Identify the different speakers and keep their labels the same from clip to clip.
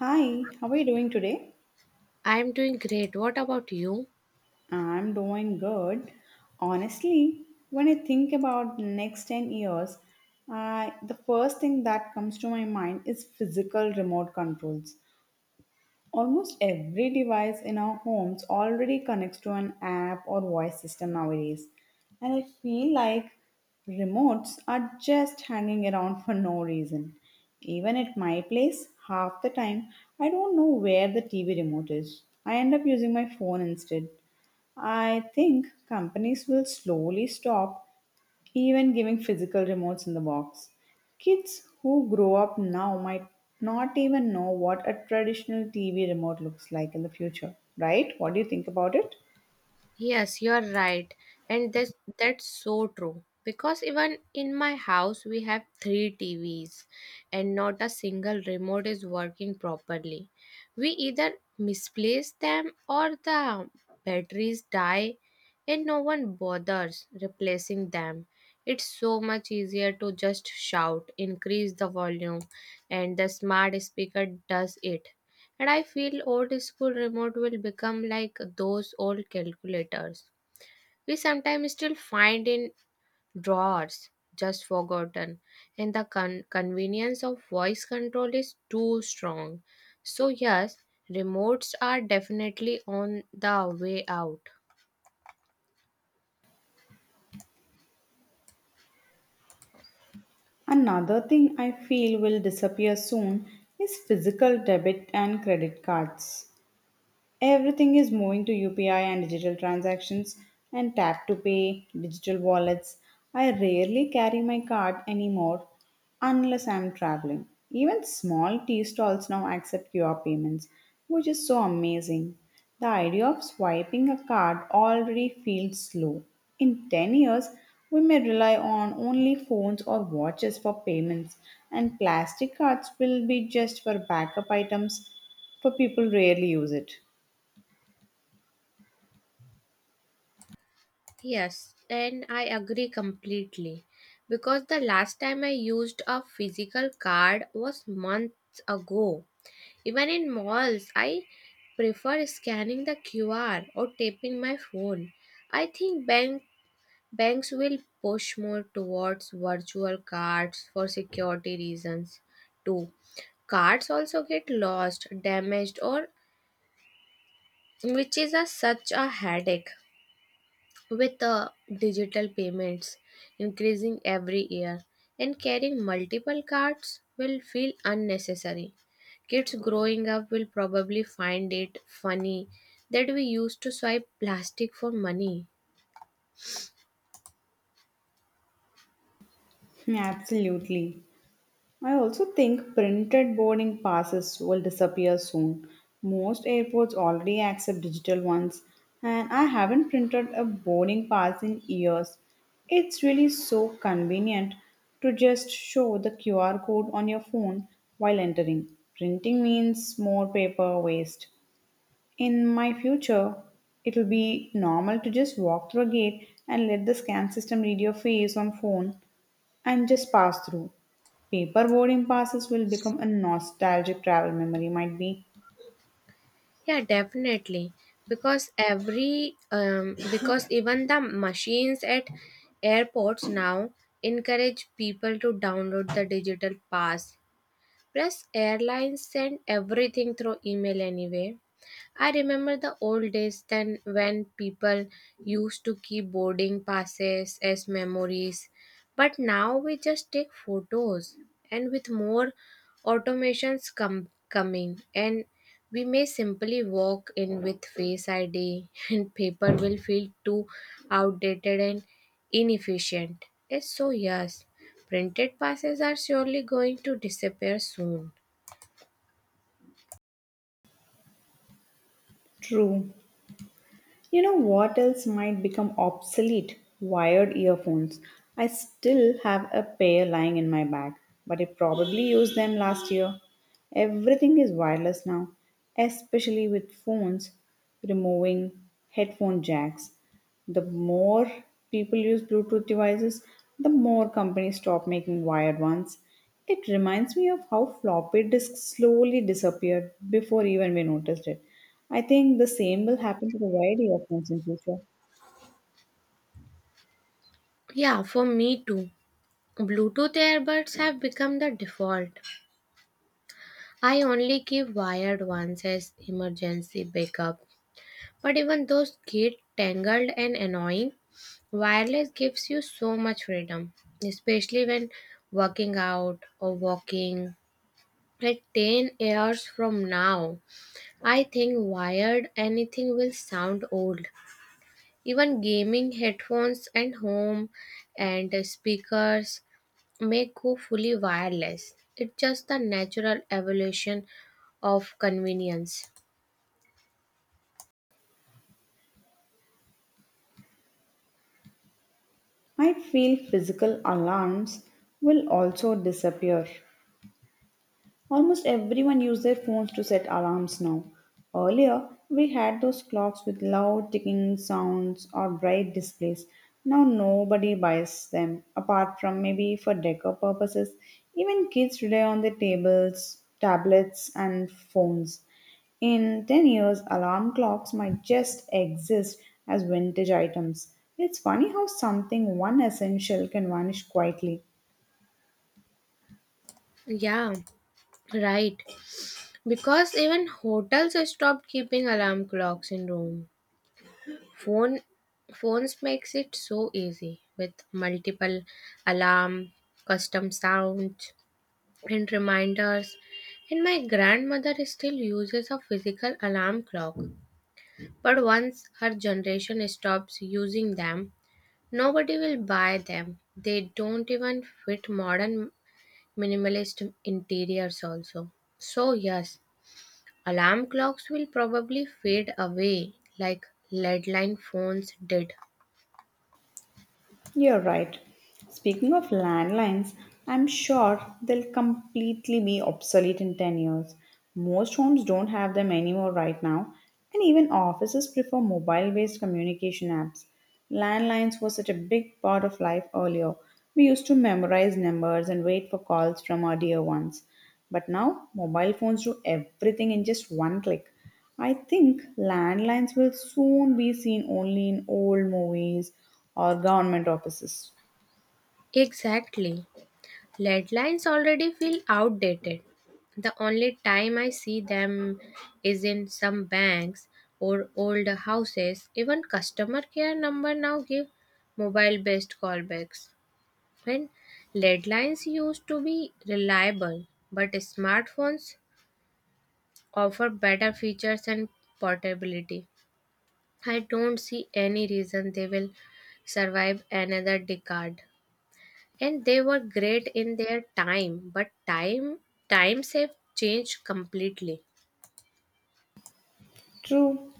Speaker 1: Hi, how are you doing today?
Speaker 2: I'm doing great. What about you?
Speaker 1: I'm doing good. Honestly, when I think about next 10 years, I the first thing that comes to my mind is physical remote controls. Almost every device in our homes already connects to an app or voice system nowadays. And I feel like remotes are just hanging around for no reason. Even at my place, half the time, I don't know where the TV remote is. I end up using my phone instead. I think companies will slowly stop even giving physical remotes in the box. Kids who grow up now might not even know what a traditional TV remote looks like in the future, right? What do you think about it?
Speaker 2: Yes, you're right. And that's so true. Because even in my house, we have three TVs and not a single remote is working properly. We either misplace them or the batteries die and no one bothers replacing them. It's so much easier to just shout, increase the volume, and the smart speaker does it. And I feel old school remote will become like those old calculators we sometimes still find in drawers, just forgotten. And the convenience of voice control is too strong. So, yes, remotes are definitely on the way out.
Speaker 1: Another thing I feel will disappear soon is physical debit and credit cards. Everything is moving to UPI and digital transactions and tap to pay, digital wallets. I rarely carry my card anymore unless I'm traveling. Even small tea stalls now accept QR payments, which is so amazing. The idea of swiping a card already feels slow. In 10 years, we may rely on only phones or watches for payments, and plastic cards will be just for backup items, for people rarely use it.
Speaker 2: Yes, and I agree completely. Because the last time I used a physical card was months ago. Even in malls, I prefer scanning the QR or tapping my phone. I think banks will push more towards virtual cards for security reasons too. Cards also get lost, damaged, or which is such a headache with the digital payments increasing every year, and carrying multiple cards will feel unnecessary. Kids growing up will probably find it funny that we used to swipe plastic for money.
Speaker 1: Absolutely. I also think printed boarding passes will disappear soon. Most airports already accept digital ones, and I haven't printed a boarding pass in years. It's really so convenient to just show the QR code on your phone while entering. Printing means more paper waste. In my future, it'll be normal to just walk through a gate and let the scan system read your face on phone and just pass through. Paper boarding passes will become a nostalgic travel memory, might be
Speaker 2: Yeah, definitely, because every because even the machines at airports now encourage people to download the digital pass. Plus airlines send everything through email anyway. I remember the old days then when people used to keep boarding passes as memories, but now we just take photos. And with more coming, and we may simply walk in with face ID and paper will feel too outdated and inefficient. It's so, yes, printed passes are surely going to disappear soon.
Speaker 1: true. You know what else might become obsolete? Wired earphones. I still have a pair lying in my bag, but I probably used them last year. Everything is wireless now, especially with phones removing headphone jacks. The more people use Bluetooth devices, the more companies stop making wired ones. It reminds me of how floppy disks slowly disappeared before even we noticed it. I think the same will happen to the wired earphones in future.
Speaker 2: Yeah, for me too. Bluetooth earbuds have become the default. I only keep wired ones as emergency backup. But even those get tangled and annoying. Wireless gives you so much freedom, especially when working out or walking. At 10 years from now, I think wired anything will sound old. Even gaming headphones and home and speakers make go fully wireless. It's just the natural evolution of convenience.
Speaker 1: I feel physical alarms will also disappear. Almost everyone uses their phones to set alarms now. Earlier, we had those clocks with loud ticking sounds or bright displays. Now, nobody buys them, apart from maybe for decor purposes. Even kids rely on their tables, tablets, and phones. In 10 years, alarm clocks might just exist as vintage items. It's funny how something one essential can vanish quietly.
Speaker 2: Yeah, right. Because even hotels stopped keeping alarm clocks in room. Phone Phones makes it so easy with multiple alarm, custom sounds and reminders. And my grandmother still uses a physical alarm clock. But once her generation stops using them, nobody will buy them. They don't even fit modern minimalist interiors, also. So, yes, alarm clocks will probably fade away like lead line phones did.
Speaker 1: You're right. Speaking of landlines, I'm sure they'll completely be obsolete in 10 years. Most homes don't have them anymore right now, and even offices prefer mobile based communication apps. Landlines were such a big part of life earlier. We used to memorize numbers and wait for calls from our dear ones. But now, mobile phones do everything in just one click. I think landlines will soon be seen only in old movies or government offices.
Speaker 2: Exactly. Lead lines already feel outdated. The only time I see them is in some banks or old houses. Even customer care number now give mobile based callbacks. When leadlines used to be reliable, but smartphones offer better features and portability. I don't see any reason they will survive another decade. And they were great in their time, but times have changed completely.
Speaker 1: True.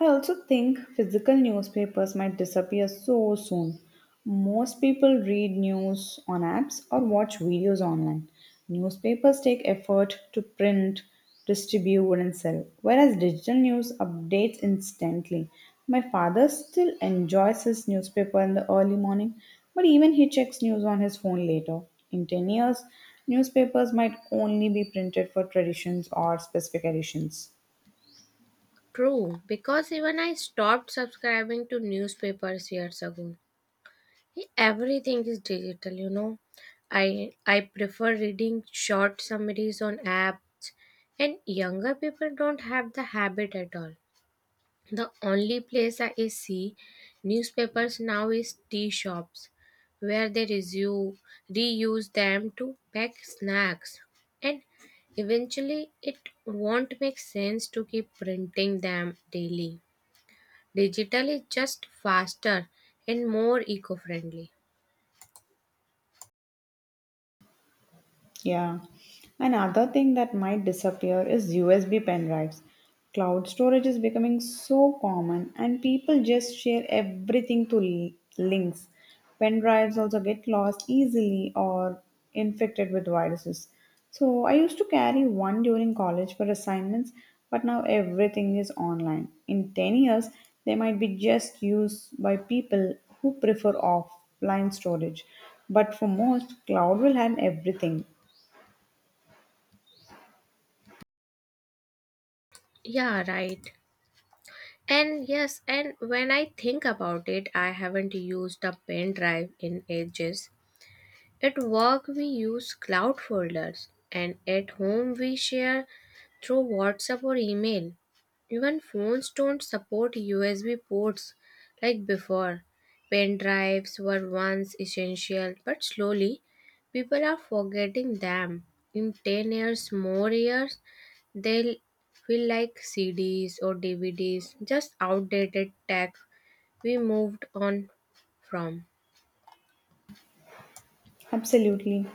Speaker 1: I also think physical newspapers might disappear so soon. Most people read news on apps or watch videos online. Newspapers take effort to print, distribute, and sell, whereas digital news updates instantly. My father still enjoys his newspaper in the early morning, but even he checks news on his phone later. In 10 years, newspapers might only be printed for traditions or specific editions.
Speaker 2: True, because even I stopped subscribing to newspapers years ago. Everything is digital, you know. I prefer reading short summaries on apps, and younger people don't have the habit at all. The only place I see newspapers now is tea shops where they reuse them to pack snacks, and eventually it won't make sense to keep printing them daily. Digital is just faster and more eco-friendly.
Speaker 1: Yeah. Another thing that might disappear is USB pen drives. Cloud storage is becoming so common and people just share everything to links. Pen drives also get lost easily or infected with viruses. So I used to carry one during college for assignments, but now everything is online. In 10 years, they might be just used by people who prefer offline storage. But for most, cloud will have everything.
Speaker 2: Yeah, right. And yes, and when I think about it, I haven't used a pen drive in ages. At work, we use cloud folders, and at home, we share through WhatsApp or email. Even phones don't support USB ports like before. Pen drives were once essential, but slowly people are forgetting them. In 10 years, more years, they'll feel like CDs or DVDs, just outdated tech we moved on from.
Speaker 1: Absolutely.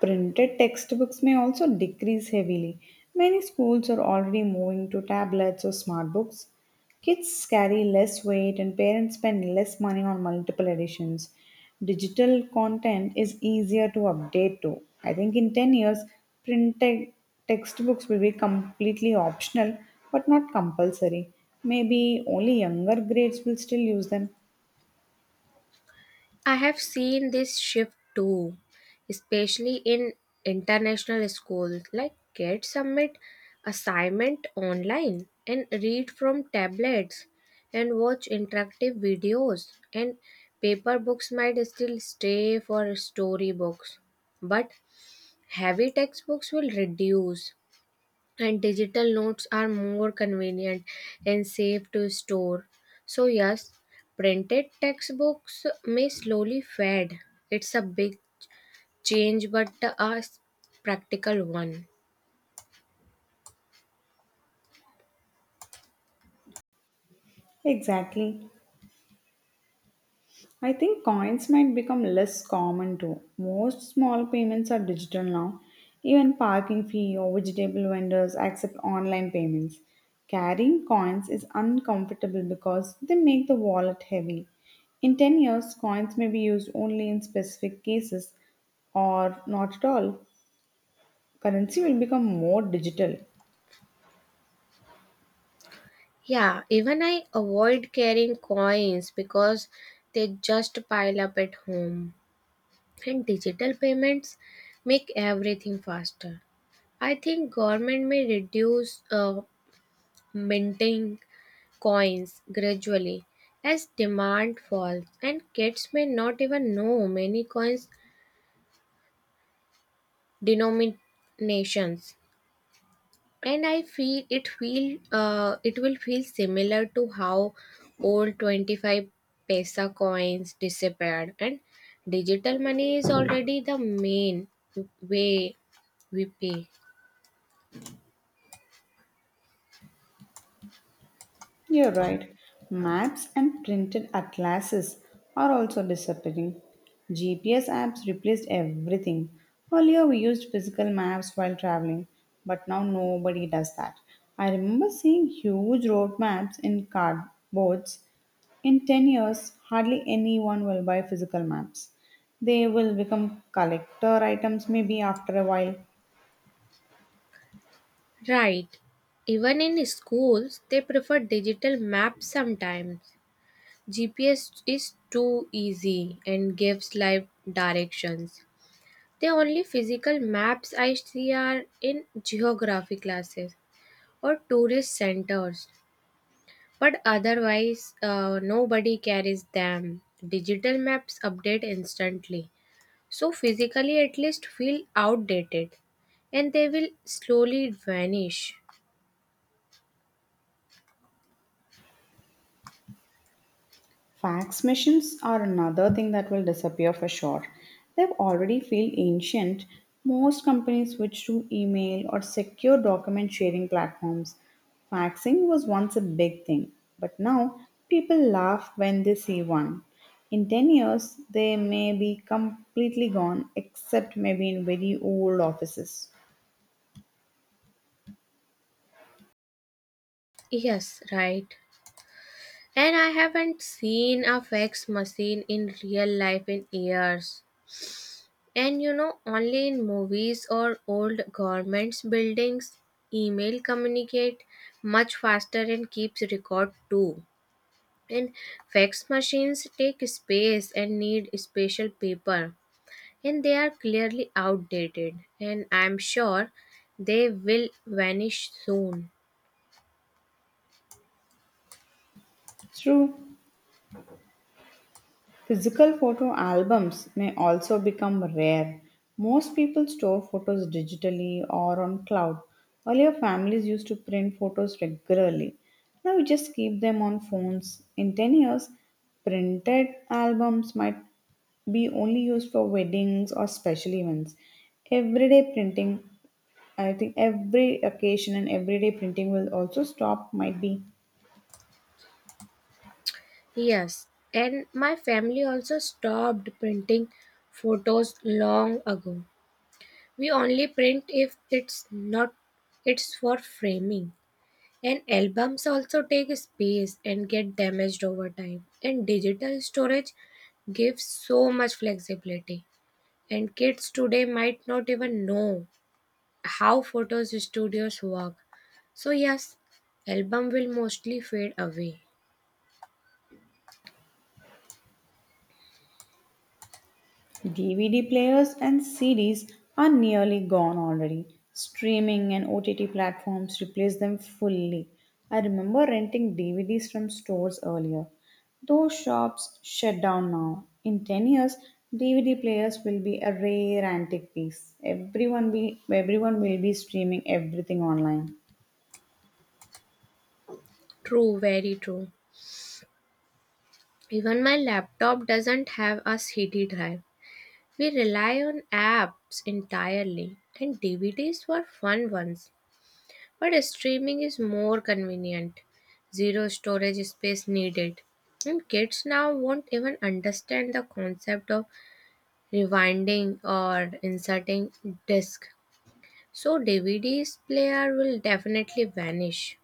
Speaker 1: Printed textbooks may also decrease heavily. Many schools are already moving to tablets or smart books. Kids carry less weight and parents spend less money on multiple editions. Digital content is easier to update to. I think in 10 years, printed textbooks will be completely optional but not compulsory. Maybe only younger grades will still use them.
Speaker 2: I have seen this shift too, especially in international schools. Like kids submit assignment online and read from tablets and watch interactive videos, and paper books might still stay for storybooks, but heavy textbooks will reduce, and digital notes are more convenient and safe to store. So, yes, printed textbooks may slowly fade. It's a big change, but a practical one.
Speaker 1: Exactly. I think coins might become less common too. Most small payments are digital now. Even parking fee or vegetable vendors accept online payments. Carrying coins is uncomfortable because they make the wallet heavy. In 10 years, coins may be used only in specific cases or not at all. Currency will become more digital.
Speaker 2: Yeah, even I avoid carrying coins because they just pile up at home. And digital payments make everything faster. I think government may reduce minting coins gradually as demand falls, and kids may not even know many coins denominations. And I feel it will feel similar to how old 25 pesa coins disappeared, and digital money is already the main way we pay.
Speaker 1: You're right. Maps and printed atlases are also disappearing. GPS apps replaced everything. Earlier, we used physical maps while traveling, but now nobody does that. I remember seeing huge road maps in cardboards. In 10 years, hardly anyone will buy physical maps. They will become collector items maybe after a while.
Speaker 2: Right. Even in schools, they prefer digital maps sometimes. GPS is too easy and gives live directions. The only physical maps I see are in geography classes or tourist centers, but otherwise, nobody carries them. Digital maps update instantly, so physically at least feel outdated, and they will slowly vanish.
Speaker 1: Fax machines are another thing that will disappear for sure. They've already feel ancient. Most companies switch to email or secure document sharing platforms. Faxing was once a big thing, but now people laugh when they see one. In 10 years, they may be completely gone, except maybe in very old offices.
Speaker 2: Yes, right. And I haven't seen a fax machine in real life in years. And you know, only in movies or old governments buildings, email communicate much faster and keeps record too. And fax machines take space and need special paper. And they are clearly outdated. And I'm sure they will vanish soon.
Speaker 1: True. Physical photo albums may also become rare. Most people store photos digitally or on cloud. Earlier, families used to print photos regularly. Now we just keep them on phones. In 10 years, printed albums might be only used for weddings or special events. Everyday printing, I think every occasion and everyday printing will also stop, might be.
Speaker 2: Yes, and my family also stopped printing photos long ago. We only print if it's not it's for framing. And albums also take space and get damaged over time. And digital storage gives so much flexibility. And kids today might not even know how photos studios work. So yes, album will mostly fade away.
Speaker 1: DVD players and CDs are nearly gone already. Streaming and OTT platforms replace them fully. I remember renting DVDs from stores earlier. Those shops shut down now. In 10 years, DVD players will be a rare antique piece. Everyone will be streaming everything online.
Speaker 2: True, very true. Even my laptop doesn't have a CD drive. We rely on apps entirely, and DVDs were fun ones. But streaming is more convenient. Zero storage space needed. And kids now won't even understand the concept of rewinding or inserting disk. So DVD's player will definitely vanish.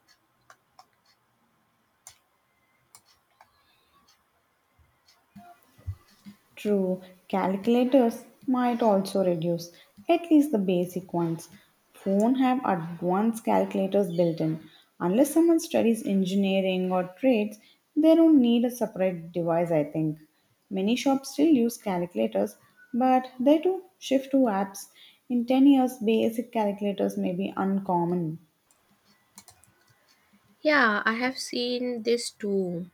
Speaker 1: True, calculators might also reduce, at least the basic ones. Phone have advanced calculators built in. Unless someone studies engineering or trades, they don't need a separate device, I think. Many shops still use calculators, but they too shift to apps. In 10 years, basic calculators may be uncommon.
Speaker 2: Yeah, I have seen this too.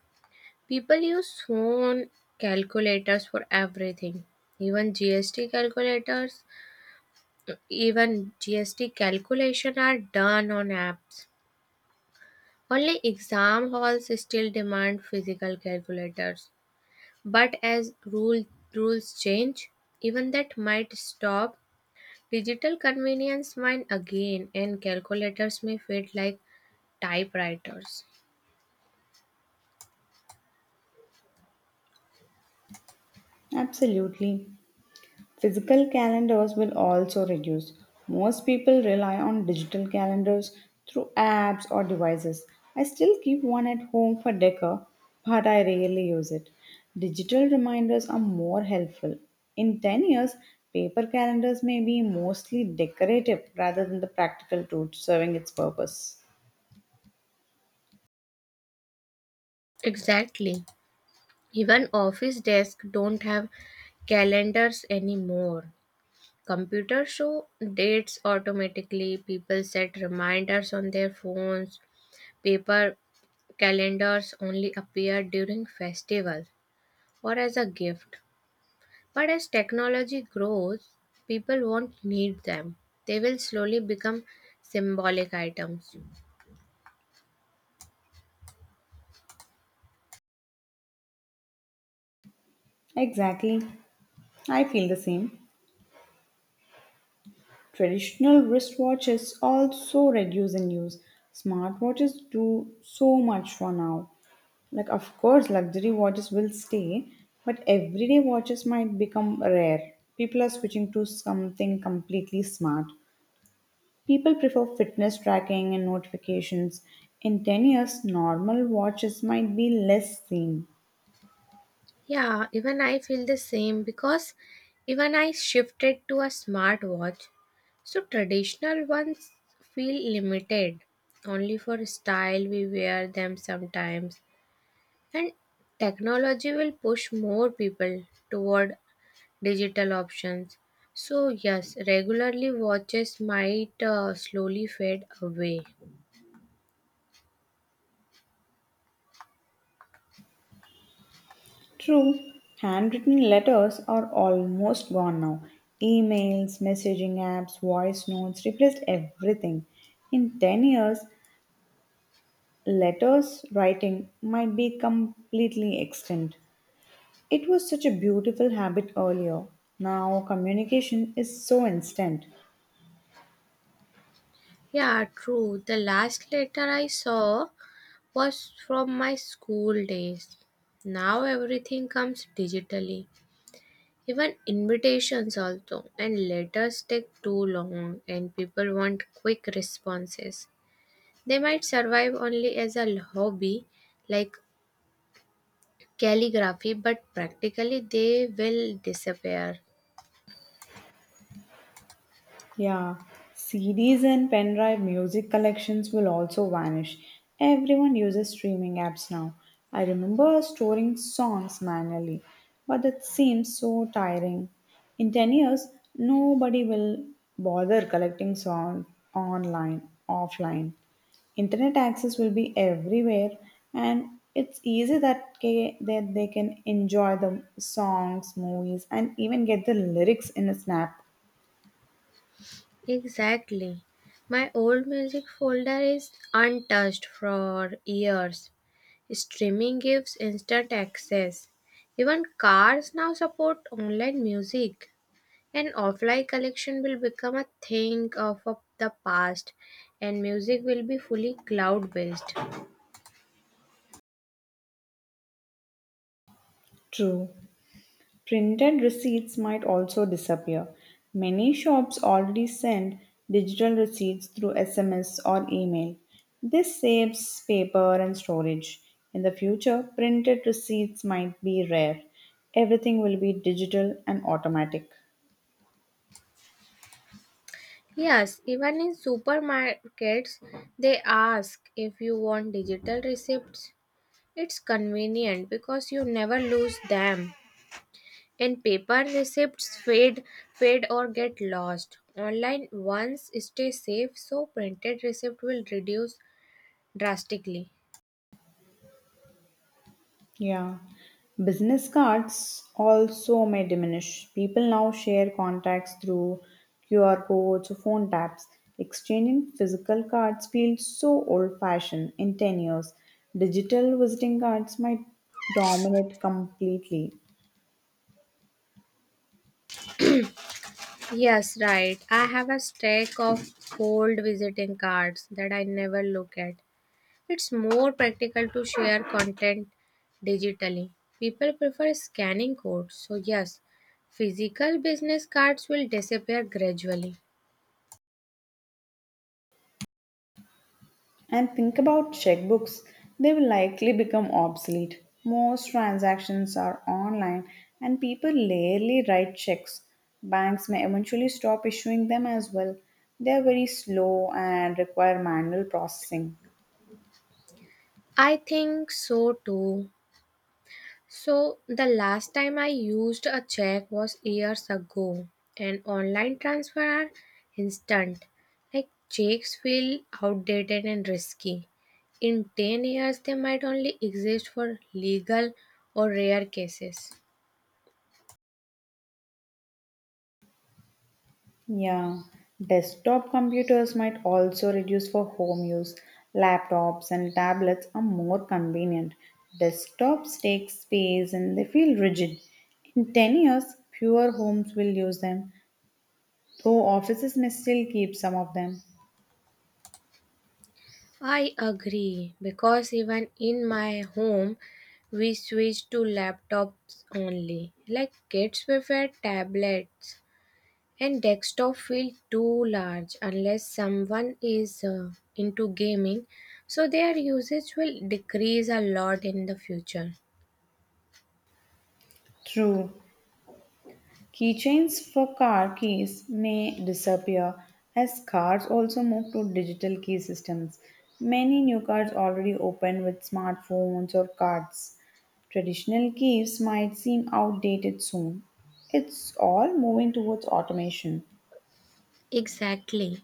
Speaker 2: People use phone calculators for everything. Even GST calculators, even GST calculation are done on apps. Only exam halls still demand physical calculators, but as rules change, even that might stop. Digital convenience might again, and calculators may feel like typewriters.
Speaker 1: Absolutely. Physical calendars will also reduce. Most people rely on digital calendars through apps or devices. I still keep one at home for decor, but I rarely use it. Digital reminders are more helpful. In 10 years, paper calendars may be mostly decorative rather than the practical tool serving its purpose.
Speaker 2: Exactly. Even office desks don't have calendars anymore. Computers show dates automatically, people set reminders on their phones. Paper calendars only appear during festivals or as a gift. But as technology grows, people won't need them. They will slowly become symbolic items.
Speaker 1: Exactly. I feel the same. Traditional wristwatches also reduce in use. Smartwatches do so much for now. Like, of course, luxury watches will stay, but everyday watches might become rare. People are switching to something completely smart. People prefer fitness tracking and notifications. In 10 years, normal watches might be less seen.
Speaker 2: Yeah, even I feel the same because even I shifted to a smartwatch. So traditional ones feel limited. Only for style we wear them sometimes. And technology will push more people toward digital options. So, yes, regularly watches might slowly fade away.
Speaker 1: True, handwritten letters are almost gone now. Emails, messaging apps, voice notes replaced everything. In 10 years, letters writing might be completely extinct. It was such a beautiful habit earlier. Now, communication is so instant.
Speaker 2: Yeah, true. The last letter I saw was from my school days. Now everything comes digitally. Even invitations also, and letters take too long and people want quick responses. They might survive only as a hobby like calligraphy, but practically they will disappear.
Speaker 1: Yeah, CDs and pen drive music collections will also vanish. Everyone uses streaming apps now. I remember storing songs manually, but that seems so tiring. In 10 years, nobody will bother collecting songs online, offline. Internet access will be everywhere, and it's easy that they can enjoy the songs, movies, and even get the lyrics in a snap.
Speaker 2: Exactly. My old music folder is untouched for years. Streaming gives instant access. Even cars now support online music. An offline collection will become a thing of the past, and music will be fully cloud based.
Speaker 1: True. Printed receipts might also disappear. Many shops already send digital receipts through SMS or email. This saves paper and storage. In the future, printed receipts might be rare. Everything will be digital and automatic.
Speaker 2: Yes, even in supermarkets, they ask if you want digital receipts. It's convenient because you never lose them. And paper receipts fade or get lost. Online ones stay safe, so printed receipt will reduce drastically.
Speaker 1: Yeah. Business cards also may diminish. People now share contacts through QR codes or phone taps. Exchanging physical cards feels so old fashioned in 10 years. Digital visiting cards might dominate completely.
Speaker 2: Yes, right. I have a stack of old visiting cards that I never look at. It's more practical to share content digitally. People prefer scanning codes, so yes, physical business cards will disappear gradually.
Speaker 1: And think about checkbooks. They will likely become obsolete. Most transactions are online and people rarely write checks. Banks may eventually stop issuing them as well. They are very slow and require manual processing.
Speaker 2: I think so too. So, the last time I used a check was years ago, and online transfer are instant. Like, checks feel outdated and risky. In 10 years, they might only exist for legal or rare cases.
Speaker 1: Yeah, desktop computers might also reduce for home use. Laptops and tablets are more convenient. Desktops take space and they feel rigid. In 10 years, fewer homes will use them. Though offices may still keep some of them.
Speaker 2: I agree, because even in my home, we switched to laptops only. Like, kids prefer tablets. And desktop feel too large unless someone is into gaming, so their usage will decrease a lot in the future.
Speaker 1: True, keychains for car keys may disappear as cars also move to digital key systems. Many new cards already open with smartphones or cards. Traditional keys might seem outdated soon. It's all moving towards automation.
Speaker 2: Exactly.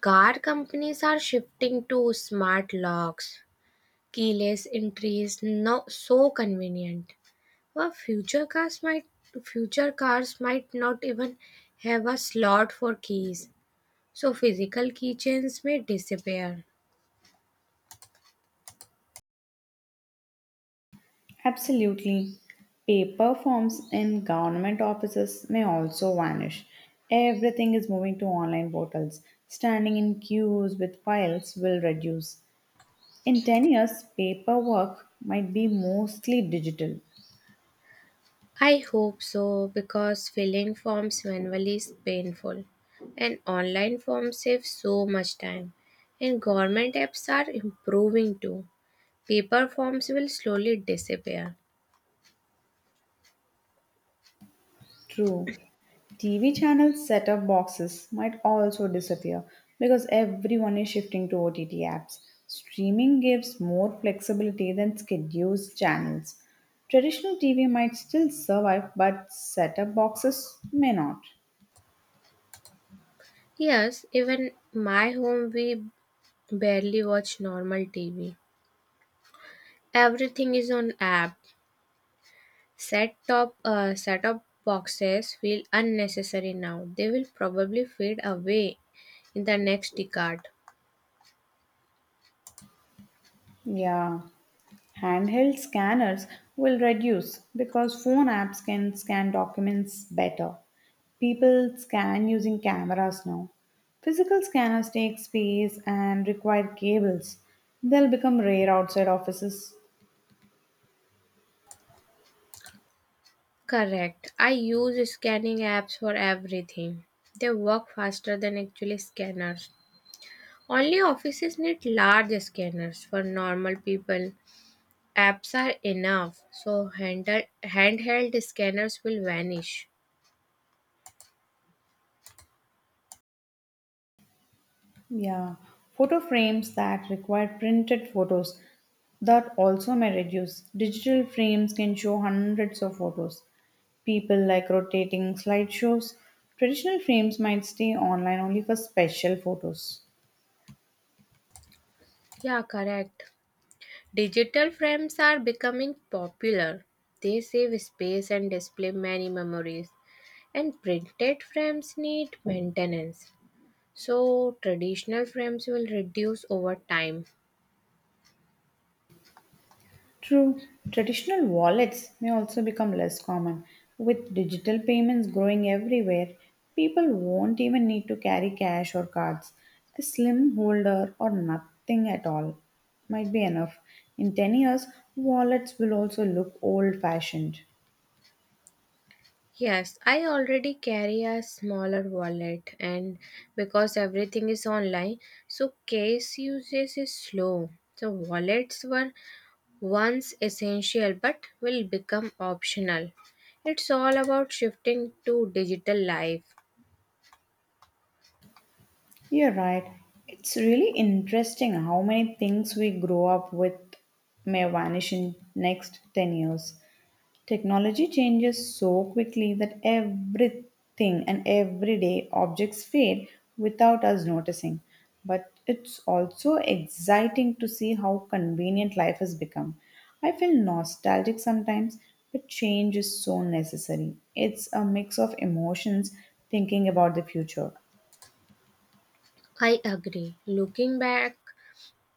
Speaker 2: Car companies are shifting to smart locks, keyless entries, now so convenient. Well, future cars might not even have a slot for keys, so physical keychains may disappear.
Speaker 1: Absolutely. Paper forms in government offices may also vanish. Everything is moving to online portals. Standing in queues with files will reduce. In 10 years, paperwork might be mostly digital.
Speaker 2: I hope so because filling forms manually is painful, and online forms save so much time and government apps are improving too. Paper forms will slowly disappear.
Speaker 1: True. TV channel setup boxes might also disappear because everyone is shifting to OTT apps. Streaming gives more flexibility than scheduled channels. Traditional TV might still survive, but setup boxes may not.
Speaker 2: Yes, even my home we barely watch normal TV. Everything is on app. Set up boxes feel unnecessary now. They will probably fade away in the next decade.
Speaker 1: Yeah. Handheld scanners will reduce because phone apps can scan documents better. People scan using cameras now. Physical scanners take space and require cables. They'll become rare outside offices.
Speaker 2: Correct. I use scanning apps for everything. They work faster than actually scanners. Only offices need large scanners for normal people. Apps are enough, so handheld scanners will vanish.
Speaker 1: Yeah, photo frames that require printed photos that also may reduce. Digital frames can show hundreds of photos. People like rotating slideshows. Traditional frames might stay online only for special photos.
Speaker 2: Yeah, correct. Digital frames are becoming popular. They save space and display many memories. And printed frames need maintenance. So, traditional frames will reduce over time.
Speaker 1: True, traditional wallets may also become less common. With digital payments growing everywhere, people won't even need to carry cash or cards. A slim holder or nothing at all might be enough. In 10 years, wallets will also look old fashioned.
Speaker 2: Yes, I already carry a smaller wallet, and because everything is online, so case usage is slow. So, wallets were once essential but will become optional. It's all about shifting to digital life.
Speaker 1: You're right. It's really interesting how many things we grow up with may vanish in next 10 years. Technology changes so quickly that everything and everyday objects fade without us noticing. But it's also exciting to see how convenient life has become. I feel nostalgic sometimes, but change is so necessary. It's a mix of emotions thinking about the future.
Speaker 2: I agree. Looking back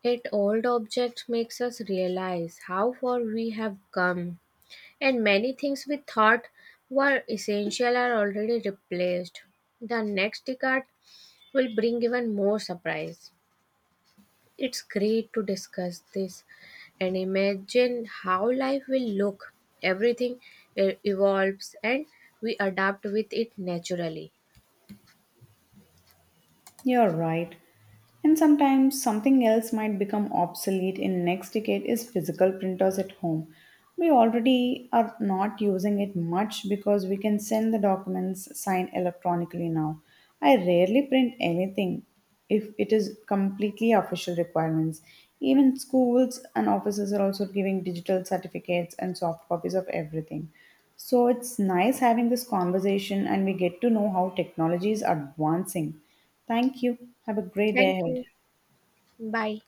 Speaker 2: at old objects makes us realize how far we have come, and many things we thought were essential are already replaced. The next decade will bring even more surprise. It's great to discuss this and imagine how life will look. Everything evolves and we adapt with it naturally.
Speaker 1: You're right. And sometimes something else might become obsolete in next decade is physical printers at home. We already are not using it much because we can send the documents signed electronically now. I rarely print anything if it is completely official requirements. Even schools and offices are also giving digital certificates and soft copies of everything. So it's nice having this conversation and we get to know how technology is advancing. Thank you. Have a great
Speaker 2: Thank
Speaker 1: day ahead.
Speaker 2: you. Bye.